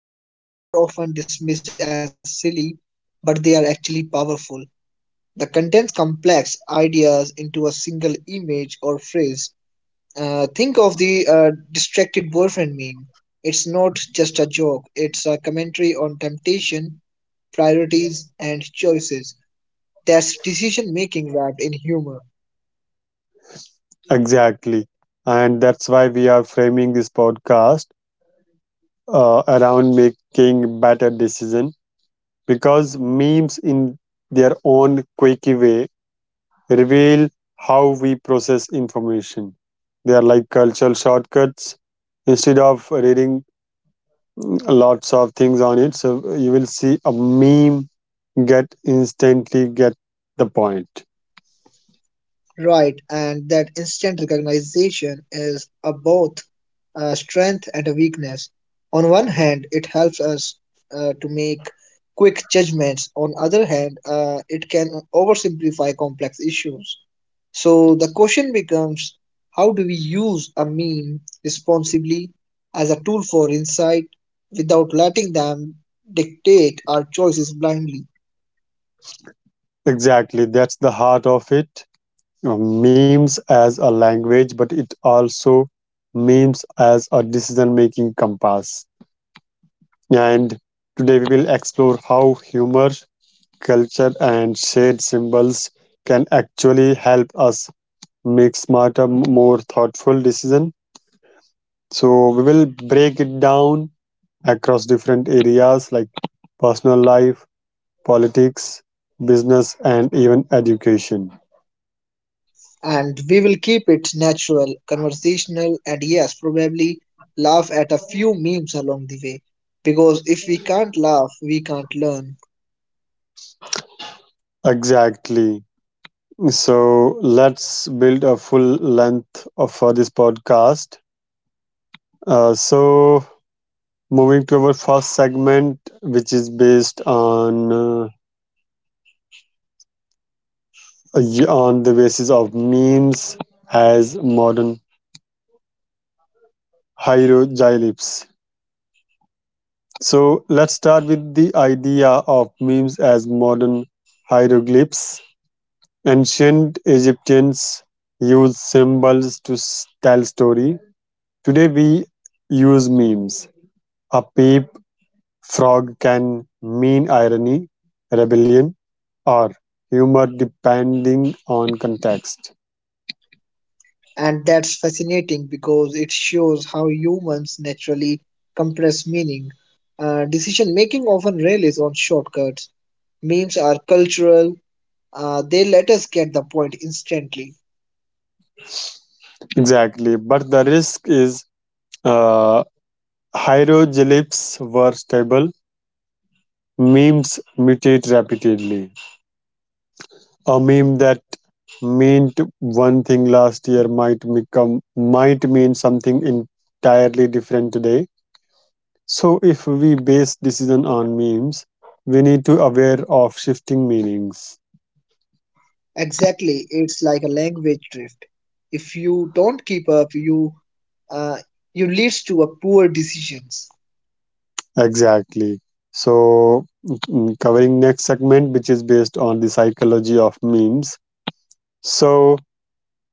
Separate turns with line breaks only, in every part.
You know, memes are often dismissed as silly, but they are actually powerful. The contains complex ideas into a single image or phrase. Think of the distracted boyfriend meme. It's not just a joke, it's a commentary on temptation, priorities, and choices. That's decision making wrapped in humor.
Exactly. And that's why we are framing this podcast around making better decision because memes in their own quirky way reveal how we process information. They are like cultural shortcuts. Instead of reading lots of things on it, so you will see a meme get instantly get the point.
Right, and that instant recognition is a both a strength and a weakness. On one hand, it helps us to make quick judgments. On other hand, it can oversimplify complex issues. So the question becomes how do we use a meme responsibly as a tool for insight without letting them dictate our choices blindly?
Exactly, that's the heart of it. Memes as a language, but it also memes as a decision making compass. And today we will explore how humor, culture, and shared symbols can actually help us make smarter, more thoughtful decision. So we will break it down across different areas like personal life, politics, business, and even education.
And we will keep it natural, conversational, and yes, probably laugh at a few memes along the way. Because if we can't laugh, we can't learn.
Exactly. So let's build a full length of, for this podcast. So moving to our first segment, which is based on on the basis of memes as modern hieroglyphs. So let's start with the idea of memes as modern hieroglyphs. Ancient Egyptians used symbols to tell story. Today we use memes. A peep frog can mean irony, rebellion, or humor depending on context.
And that's fascinating because it shows how humans naturally compress meaning. Decision making often relies on shortcuts. Memes are cultural, they let us get the point instantly.
Exactly, but the risk is uh, hieroglyphs were stable. Memes mutate rapidly. A meme that meant one thing last year might mean something entirely different today. So if we base decision on memes, we need to aware of shifting meanings.
Exactly, it's like a language drift. If you don't keep up, you uh, you leads to a poor decisions
Exactly. So covering next segment which is based on the psychology of memes. So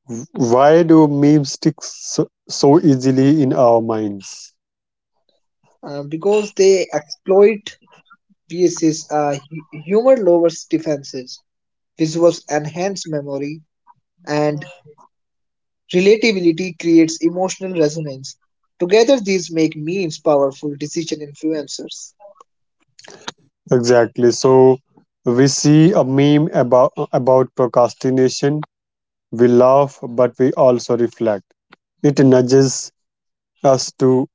why do memes stick so easily in our minds?
because they exploit BS's humor lowers defenses, visuals enhance memory, and relatability creates emotional resonance. Together, these make memes powerful decision influencers.
Exactly. So we see a meme about procrastination. We laugh, but we also reflect. It nudges us to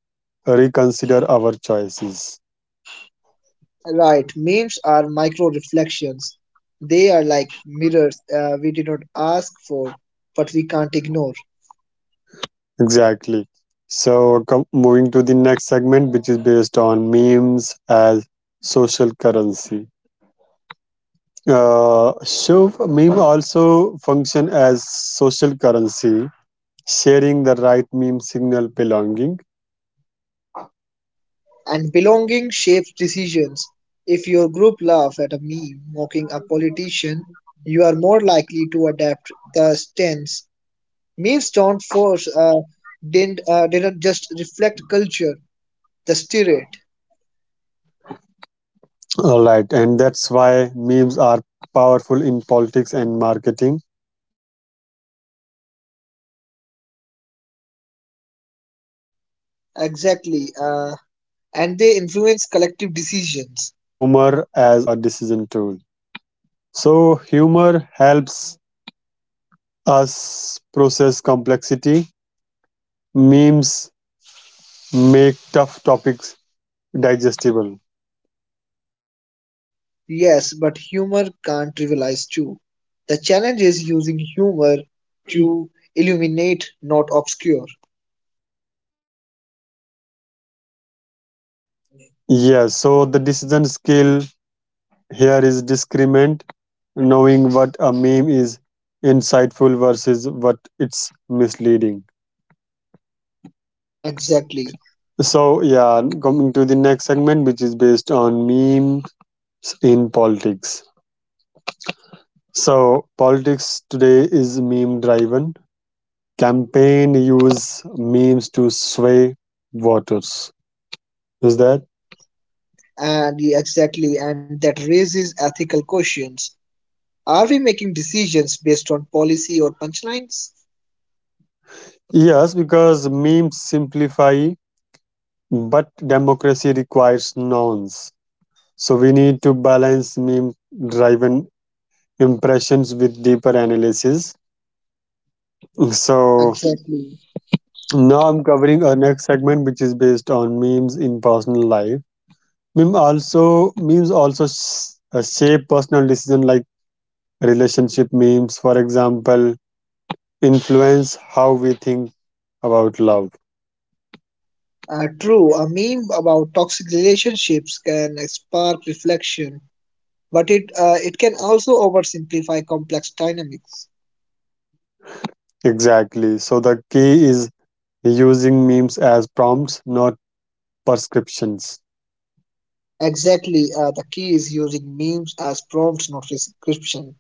reconsider our choices.
Right, memes are micro reflections. They are like mirrors we did not ask for, but we can't ignore.
Exactly. So moving to the next segment, which is based on memes as social currency. So meme also function as social currency, sharing the right meme signal belonging.
And belonging shapes decisions. If your group laughs at a meme mocking a politician, you are more likely to adapt the stance. Memes don't force, didn't just reflect culture, the spirit.
All right, and that's why memes are powerful in politics and marketing. They influence collective decision. So,
Exactly.
moving to the
And
next
they
segment, which
influence
is
collective
based on
decisions.
humor as a decision tool. So, humor helps us process complexity. Memes make tough topics digestible.
Yes, but humor can't trivialize too. The challenge is using humor to illuminate, not obscure.
Yes. So the decision skill here is discernment, knowing what a meme is insightful versus what it's misleading.
Exactly.
So, yeah, coming to the next segment, which is based on memes in politics. So, politics today is meme driven. Campaign use memes to sway voters. Is that?
And yeah, exactly, and that raises ethical questions. Are we making decisions based on policy or punchlines?
Yes, because memes simplify, but democracy requires nouns. So, we need to balance meme driven impressions with deeper analysis. So
Exactly.
now I'm covering our next segment, which is based on memes in personal life. Memes also shape personal decision like relationship memes, for example, influence how we think about love.
True, a meme about toxic relationships can spark reflection, but it can also oversimplify complex dynamics.
Exactly. So the key is using memes as prompts, not prescriptions.
Exactly, the key is using memes as prompts, not prescription.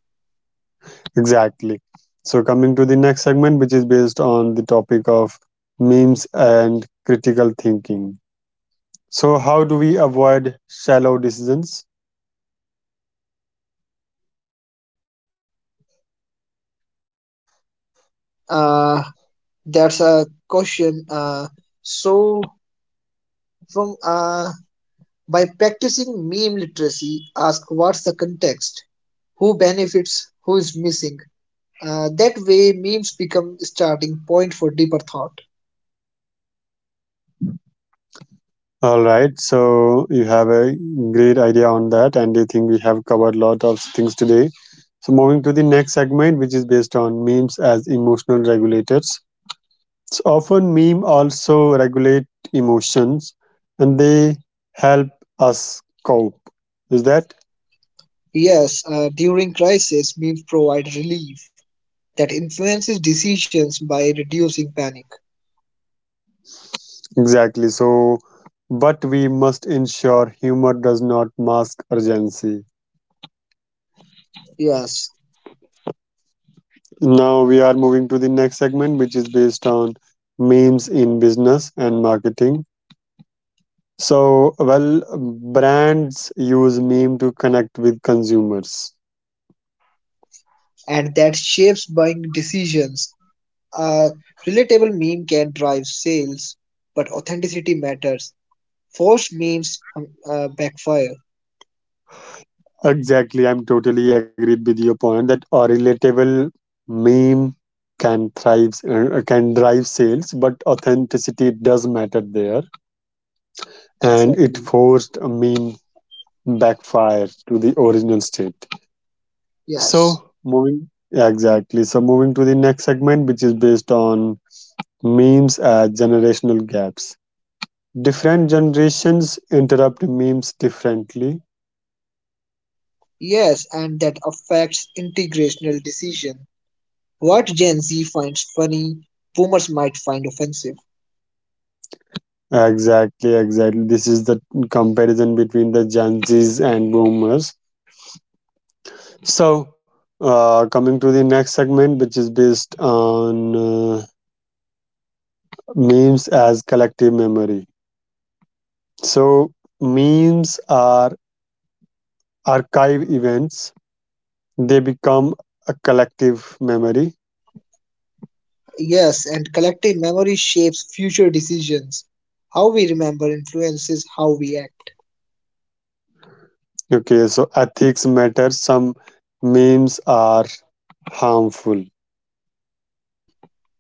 Exactly. So, coming to the next segment, which is based on the topic of memes and critical thinking. So, how do we avoid shallow decisions?
Uh, that's a question. So from By practicing meme literacy, ask what's the context, who benefits, who is missing. That way, memes become starting point for deeper thought.
All right. So, you have a great idea on that, and I think we have covered a lot of things today. So, moving to the next segment, which is based on memes as emotional regulators. So, often meme also regulate emotions, and they help us cope. Is that?
Yes, during crisis, memes provide relief that influences decisions by reducing panic.
Exactly. So, but we must ensure humor does not mask urgency.
Yes,
Now we are moving to the next segment, which is based on memes in business and marketing. So, well, brands use meme to connect with consumers.
and that shapes buying decisions. A relatable meme can drive sales, but authenticity matters. Forced memes backfire.
Exactly. I'm totally agreed with your point that a relatable meme can thrive, can drive sales, but authenticity does matter there. And it
Exactly.
forced a meme backfire to the original state.
Yes.
So moving yeah, exactly. So moving to the next segment, which is based on memes as generational gaps. Different generations interrupt memes differently.
Yes, and that affects integrational decision. What Gen Z finds funny, boomers might find offensive.
Exactly. This is the comparison between the Gen Zs and Boomers. So, coming to the next segment, which is based on memes as collective memory. So, memes are archive events. They become a collective memory.
Yes, and collective memory shapes future decisions. How we remember influences how we act.
Okay, so ethics matter. Some memes are harmful.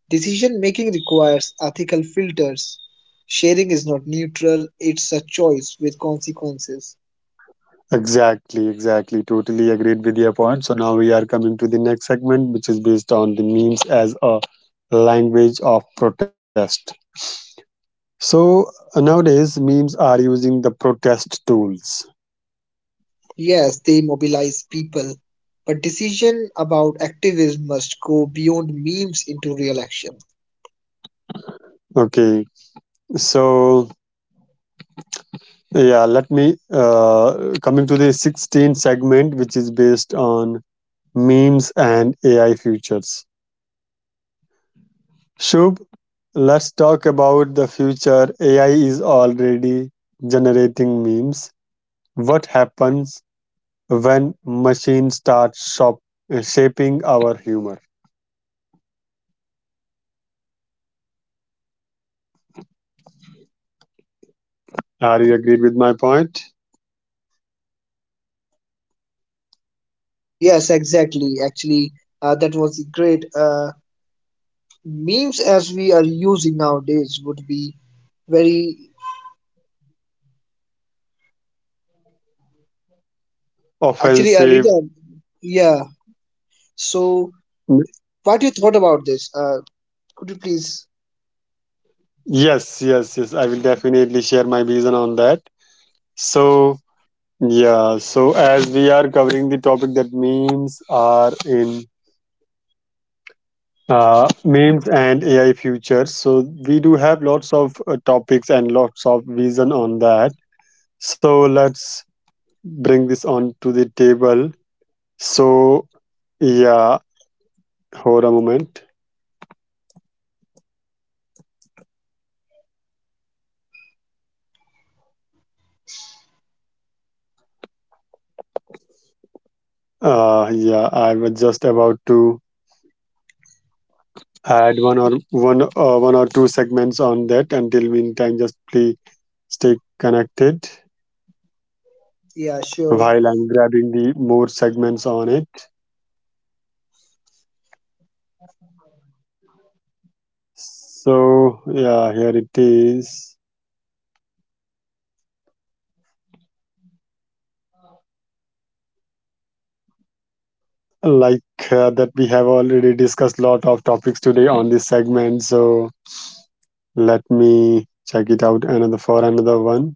Decision making requires ethical filters. Sharing is not neutral, it's a choice with consequences.
Exactly. Totally agreed with your point. So now we are coming to the next segment, which is based on the memes as a language of protest. So nowadays, memes are using the protest tools.
Yes, they mobilize people, but decision about activism must go beyond memes into real action.
Okay, so yeah, let me coming to the 16th segment, which is based on memes and AI futures. Shubh, let's talk about the future. AI is already generating memes. What happens when machines shaping our humor? Are you agreed with my point?
Yes, exactly. Actually, that was the great memes as we are using nowadays would be very actually a
Offensive.
rhythm. Yeah. So, what you thought about this? Could you please?
Yes. I will definitely share my vision on that. So, yeah, so as we are covering the topic that memes are in memes and AI futures. So we do have lots of topics and lots of vision on that. So let's bring this on to the table. So yeah, hold a moment. Yeah, I was just about to add one or two segments on that. Until meantime, just please stay connected
Yeah,
while
sure.
I'm grabbing the more segments on it. So yeah, here it is. Like that we have already discussed lot of topics today on this segment, so let me check it out another for another one.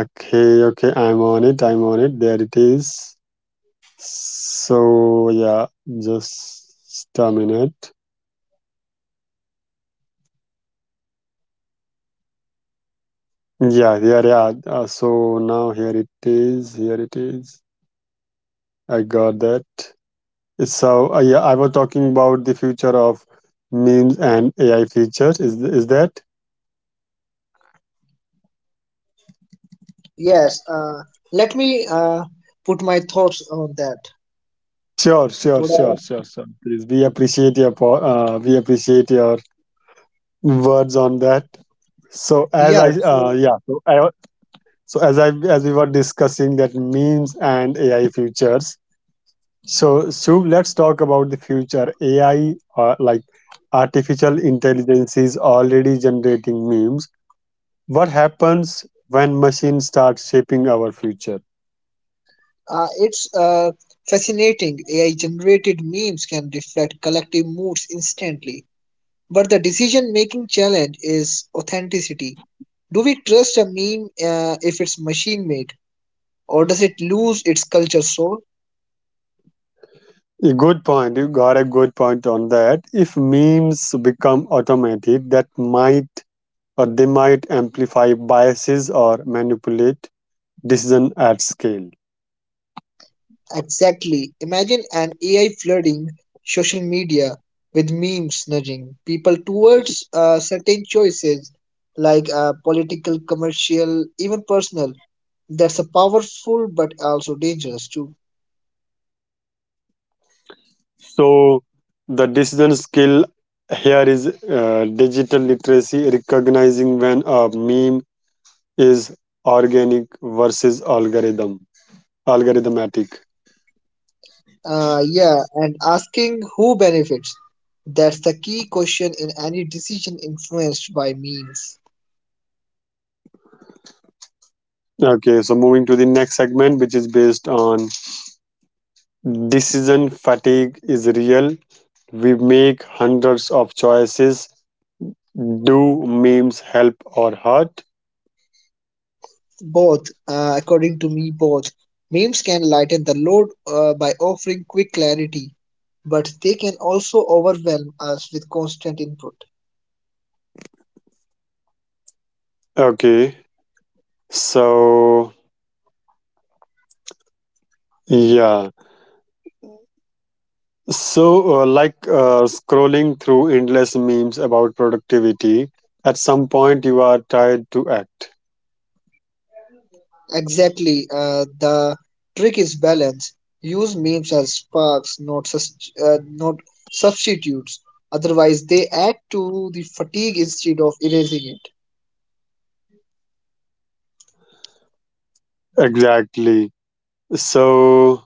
Okay, I'm on it. There it is. So yeah, just a minute. Yeah. So now here it is. I got that. So yeah, I was talking about the future of memes and ai features, is that?
Yes. Let me put my thoughts on that.
Sure, sure,
Would
sure,
I?
sure, sure. Please, we appreciate your we appreciate your words on that. So as I
Yeah. So,
yeah, so as we were discussing that memes and AI futures. So Shubh, let's talk about the future. AI uh, like artificial intelligence is already generating memes. What happens when machines start shaping our future?
uh, it's fascinating. AI-generated memes can reflect collective moods instantly, but the decision-making challenge is authenticity. Do we trust a meme if it's machine made, or does it lose its culture soul?
A good point. You got a good point on that. If memes become automated, that might or they might amplify biases or manipulate decision at scale.
Exactly. Imagine an AI flooding social media with memes nudging people towards certain choices like political, commercial, even personal. That's a powerful but also dangerous too.
So the decision skill here is digital literacy, recognizing when a meme is organic versus algorithmatic.
Yeah, and asking who benefits. That's the key question in any decision influenced by memes.
Okay, so moving to the next segment, which is based on decision fatigue is real. We make hundreds of choices. Do memes help or hurt?
Both, according to me, both. Memes can lighten the load by offering quick clarity, but they can also overwhelm us with constant input.
Okay, so yeah, so scrolling through endless memes about productivity, at some point you are tired to act.
Exactly, the trick is balance. Use memes as sparks, not substitutes. Otherwise, they add to the fatigue instead of erasing it.
Exactly. So,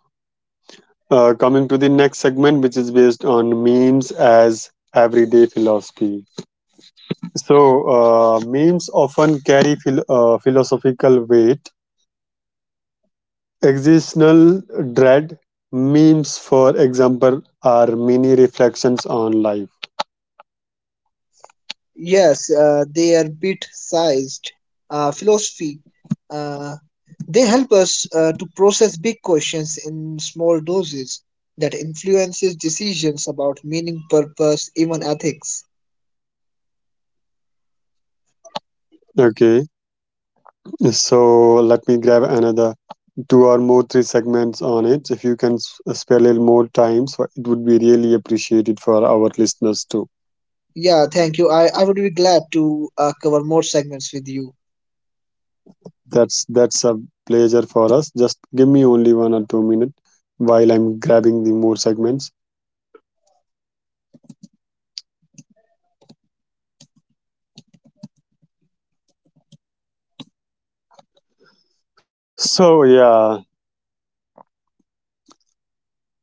coming to the next segment, which is based on memes as everyday philosophy. So, memes often carry philosophical weight. Existential dread memes, for example, are mini reflections on life.
Yes, they are bit-sized philosophy. Uh, They help us to process big questions in small doses that influences decisions about meaning, purpose, even ethics.
Okay, so let me grab another two or more three segments on it. If you can spare a little more time, so it would be really appreciated for our listeners too.
Yeah, thank you. I would be glad to cover more segments with you.
That's a pleasure for us. Just give me only 1 or 2 minutes while I'm grabbing the more segments. So yeah,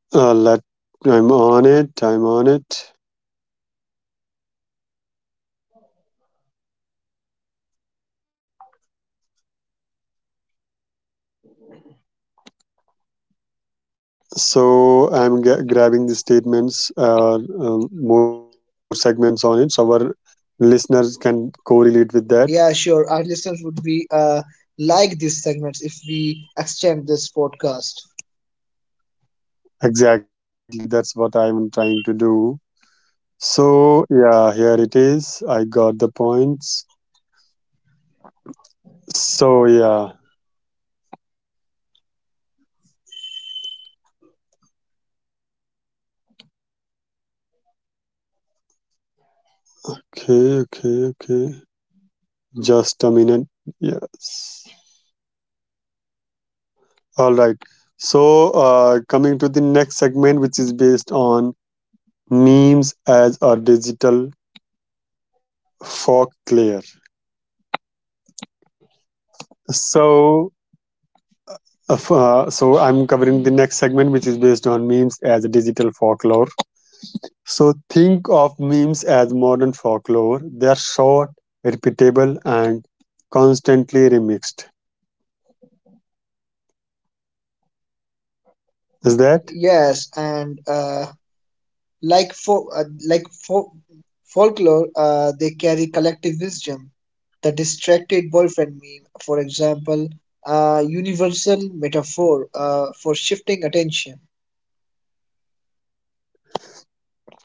let I'm on it. So I'm grabbing the statements, more segments on it, so our listeners can correlate with that.
Yeah, sure. Our listeners would be like these segments if we extend this podcast.
Exactly, that's what I'm trying to do. So yeah, here it is. I got the points. So yeah, Okay. Just a minute. Yes. All right. So coming to the next segment, which is based on memes as a digital folklore. So so I'm covering the next segment, which is based on memes as a digital folklore. So think of memes as modern folklore. They are short, repeatable, and constantly remixed. Is that
Yes, and like folklore, they carry collective wisdom. The distracted boyfriend meme, for example, a universal metaphor for shifting attention.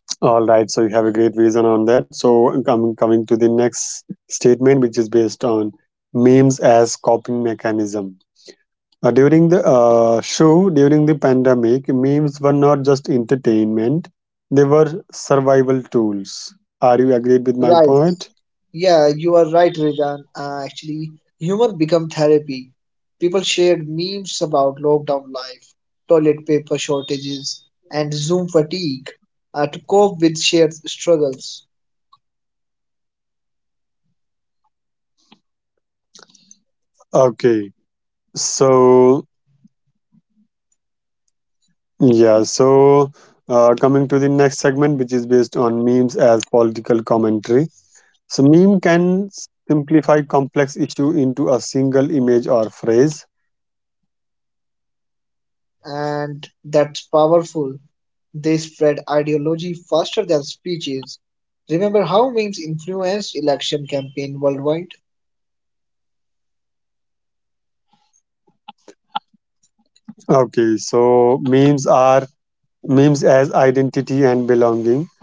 all right? So you have a great reason on that. So I'm coming to the next statement, which is based on memes as coping mechanism. During the pandemic, memes were not just entertainment; they were survival tools. Are you agreed with my
Right.
point?
Yeah, you are right, Rejan. Actually, humor become therapy. People shared memes about lockdown life, toilet paper shortages, and Zoom fatigue to cope with shared struggles,
Okay. So yeah. So coming to the next segment, which is based on memes as political commentary. So meme can simplify complex issue into a single image or phrase.
and that's powerful. They spread ideology faster than speeches. Remember how memes influenced election campaign worldwide?
Okay. So memes as identity and belonging.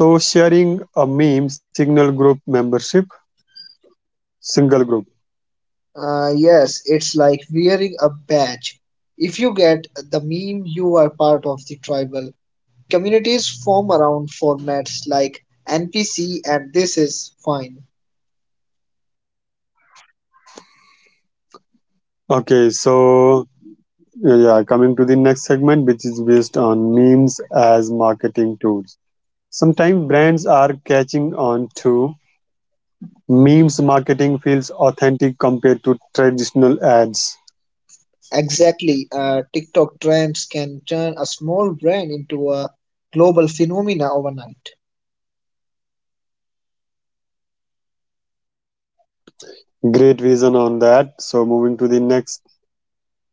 So sharing a meme signal group membership, single group.
Yes, it's like wearing a badge. If you get the meme, you are part of the tribal. Communities form around formats like NPC and This Is Fine.
Okay, so yeah, coming to the next segment, which is based on memes as marketing tools. Sometimes brands are catching on to memes marketing feels authentic compared to traditional ads.
Exactly, TikTok trends can turn a small brand into a global phenomena overnight.
Great vision on that. So moving to the next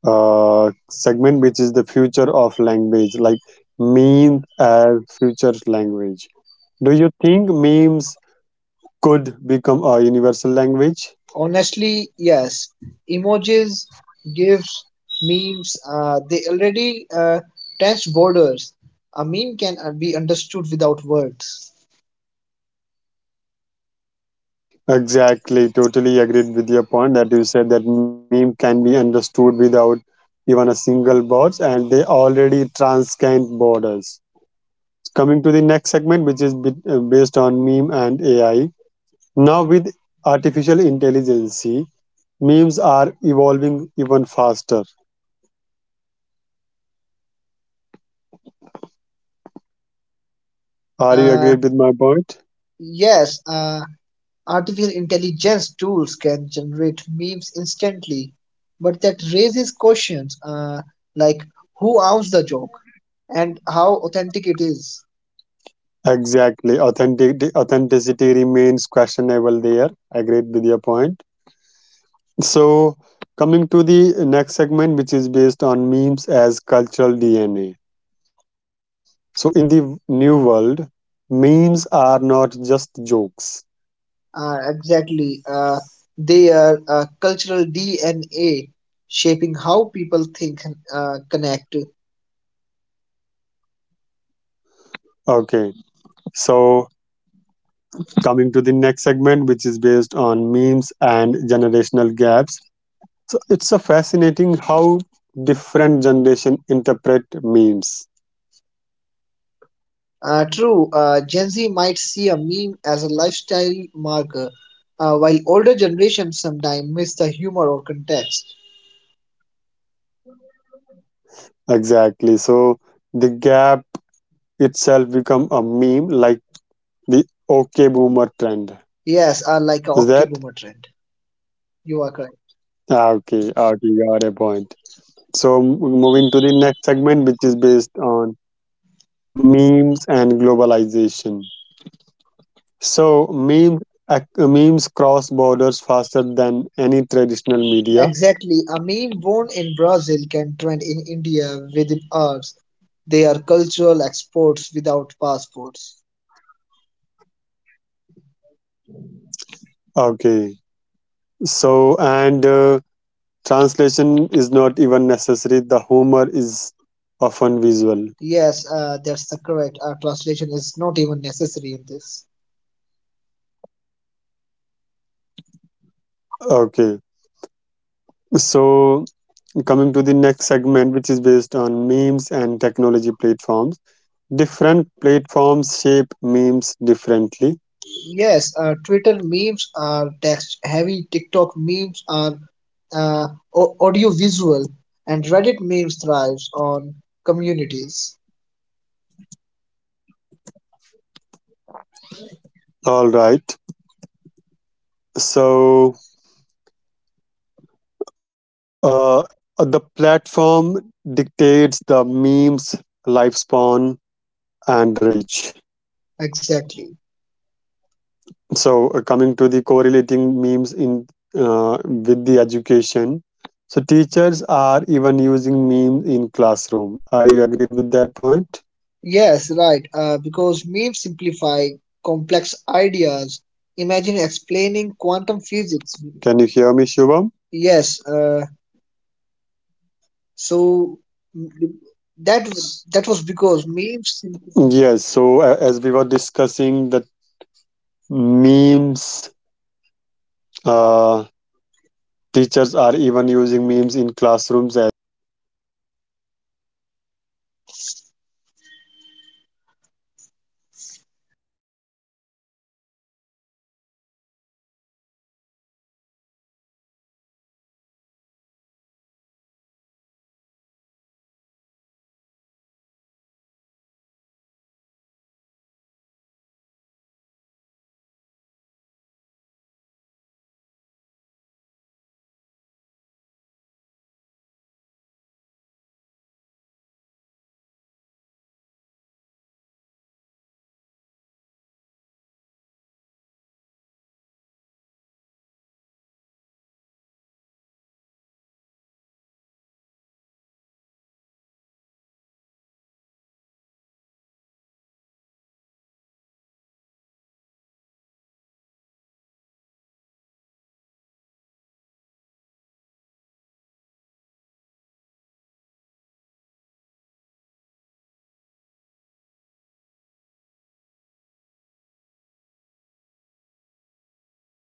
segment, which is the future of language, like memes as future language. Do you think memes could become a universal language?
Honestly, yes. Emojis, GIFs, memes, they already touch borders. A meme can be understood without words.
Exactly, totally agreed with your point that you said that meme can be understood without even a single words, and they already transcend borders. Coming to the next segment, which is based on meme and AI. Now, with artificial intelligence, memes are evolving even faster. Are
Uh,
you agreed with my point?
yes, artificial intelligence tools can generate memes instantly, but that raises questions like who owns the joke and how authentic it is.
Exactly, authentic authenticity remains questionable there. Agreed with your point. So, coming to the next segment, which is based on memes as cultural DNA. So, in the new world, memes are not just jokes.
Exactly. They are cultural DNA shaping how people think and connect.
Okay. So, coming to the next segment, which is based on memes and generational gaps. So, it's a fascinating how different generation interpret memes.
True, Gen Z might see a meme as a lifestyle marker, while older generations sometimes miss the humor or context.
Exactly. So, the gap itself become a meme, like the OK boomer trend.
Yes, like a
Is
okay
that
boomer trend. You are correct.
Okay, okay, you got a point. So moving to the next segment, which is based on memes and globalization. So memes memes cross borders faster than any traditional media.
Exactly. A meme born in Brazil can trend in India within hours. They are cultural exports without passports.
Okay, so and translation is not even necessary. The humor is often visual.
Yes, that's the correct. Translation is not even necessary in this.
Okay, so coming to the next segment, which is based on memes and technology platforms. Different platforms shape memes differently.
Yes, Twitter memes are text heavy, TikTok memes are uh, audio visual, and Reddit memes thrives on communities.
All right. So uh, the platform dictates the memes lifespan and reach.
Exactly.
So coming to the correlating memes in with the education. So teachers are even using memes in classroom. Are you agreed with that point?
Yes, right. Because memes simplify complex ideas. Imagine explaining quantum physics.
Can you hear me, Shubham?
Yes, so mm, that that was because memes.
Yes. So as we were discussing the memes. Uh, Teachers are even using memes in classrooms as well also, because memes simplify complex ideas and imagine explaining quantum physics with a sponge bomb meme. So like as we are as we come to the end of this conversation or podcast, it is clear that memes are far more than fleeting jokes on the internet. They are pulse of our digital culture and shorthand of our collective emotions, and the mirror reflecting the world we live in. In every meme, there is a story, sometimes silly, sometimes profound, but always telling us something about who we are. Okay, and meme have become the folklore of the new world. They are campfire tales of the digital age,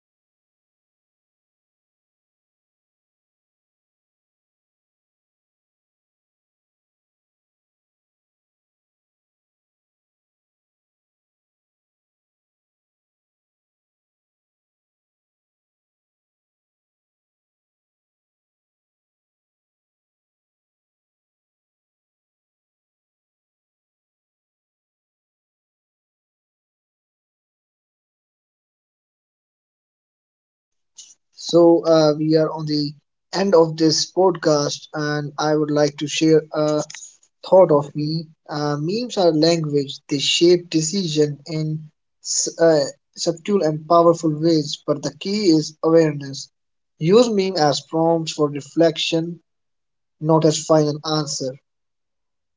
passed from screen to screen, reshaped by countless hands and carried across border without translation. They remind us that humor is universal, that creativity thrives in constraint, and that even in chaos, we find ways to laugh together. So, as we close, let's remember, memes are not just pixels on a screen.
So,
They
we are
are
on the
cultural
end of
DNA,
this podcast,
shaping
and
how
I
we
would like to
think,
share a
how we
thought
act,
of me.
and how we
Memes are
remember.
language, they shape
They are the
decision in
heartbeat of
s-
the
uh,
internet,
subtle and powerful
and
ways, but the
in
key
this
is
world,
awareness.
they
Use meme
may
as
just
prompts
be
for
in the
reflection,
stories that
not as
define
final
us.
answer.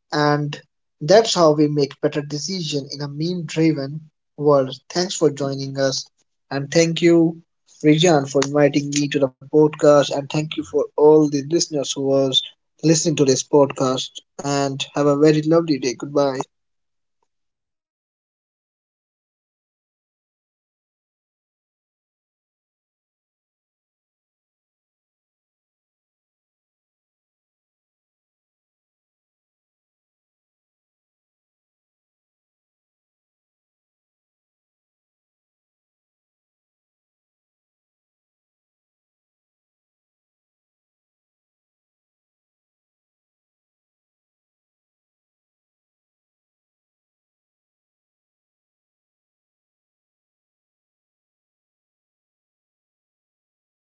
So
And
I at
that's
the
how we
last I
make better
just really
decisions in
want
a
to
meme
thank to
driven world.
Shuv
Thanks
who
for
joined
joining us. And
our
thank you,
podcast in here.
Rijan, for inviting
Thank you for
me to the
joining us
podcast. And
and
thank you for all
on
the
this journey
listeners who
through
was
memes in
listening
the
to this
new world.
podcast. And have
Keep
a very
laughing,
lovely day. Goodbye.
keep creating, and keep sharing memes, because every meme you pass along is a piece of history in the making. So that's all from my side. I'm wrapping this session, and I'm about to closing the session. Meantime, stay connected, st- uh, keep laughing, keep creating the memes, and keep sharing it with them, your loved ones or your funny ones. Bye bye. Take care.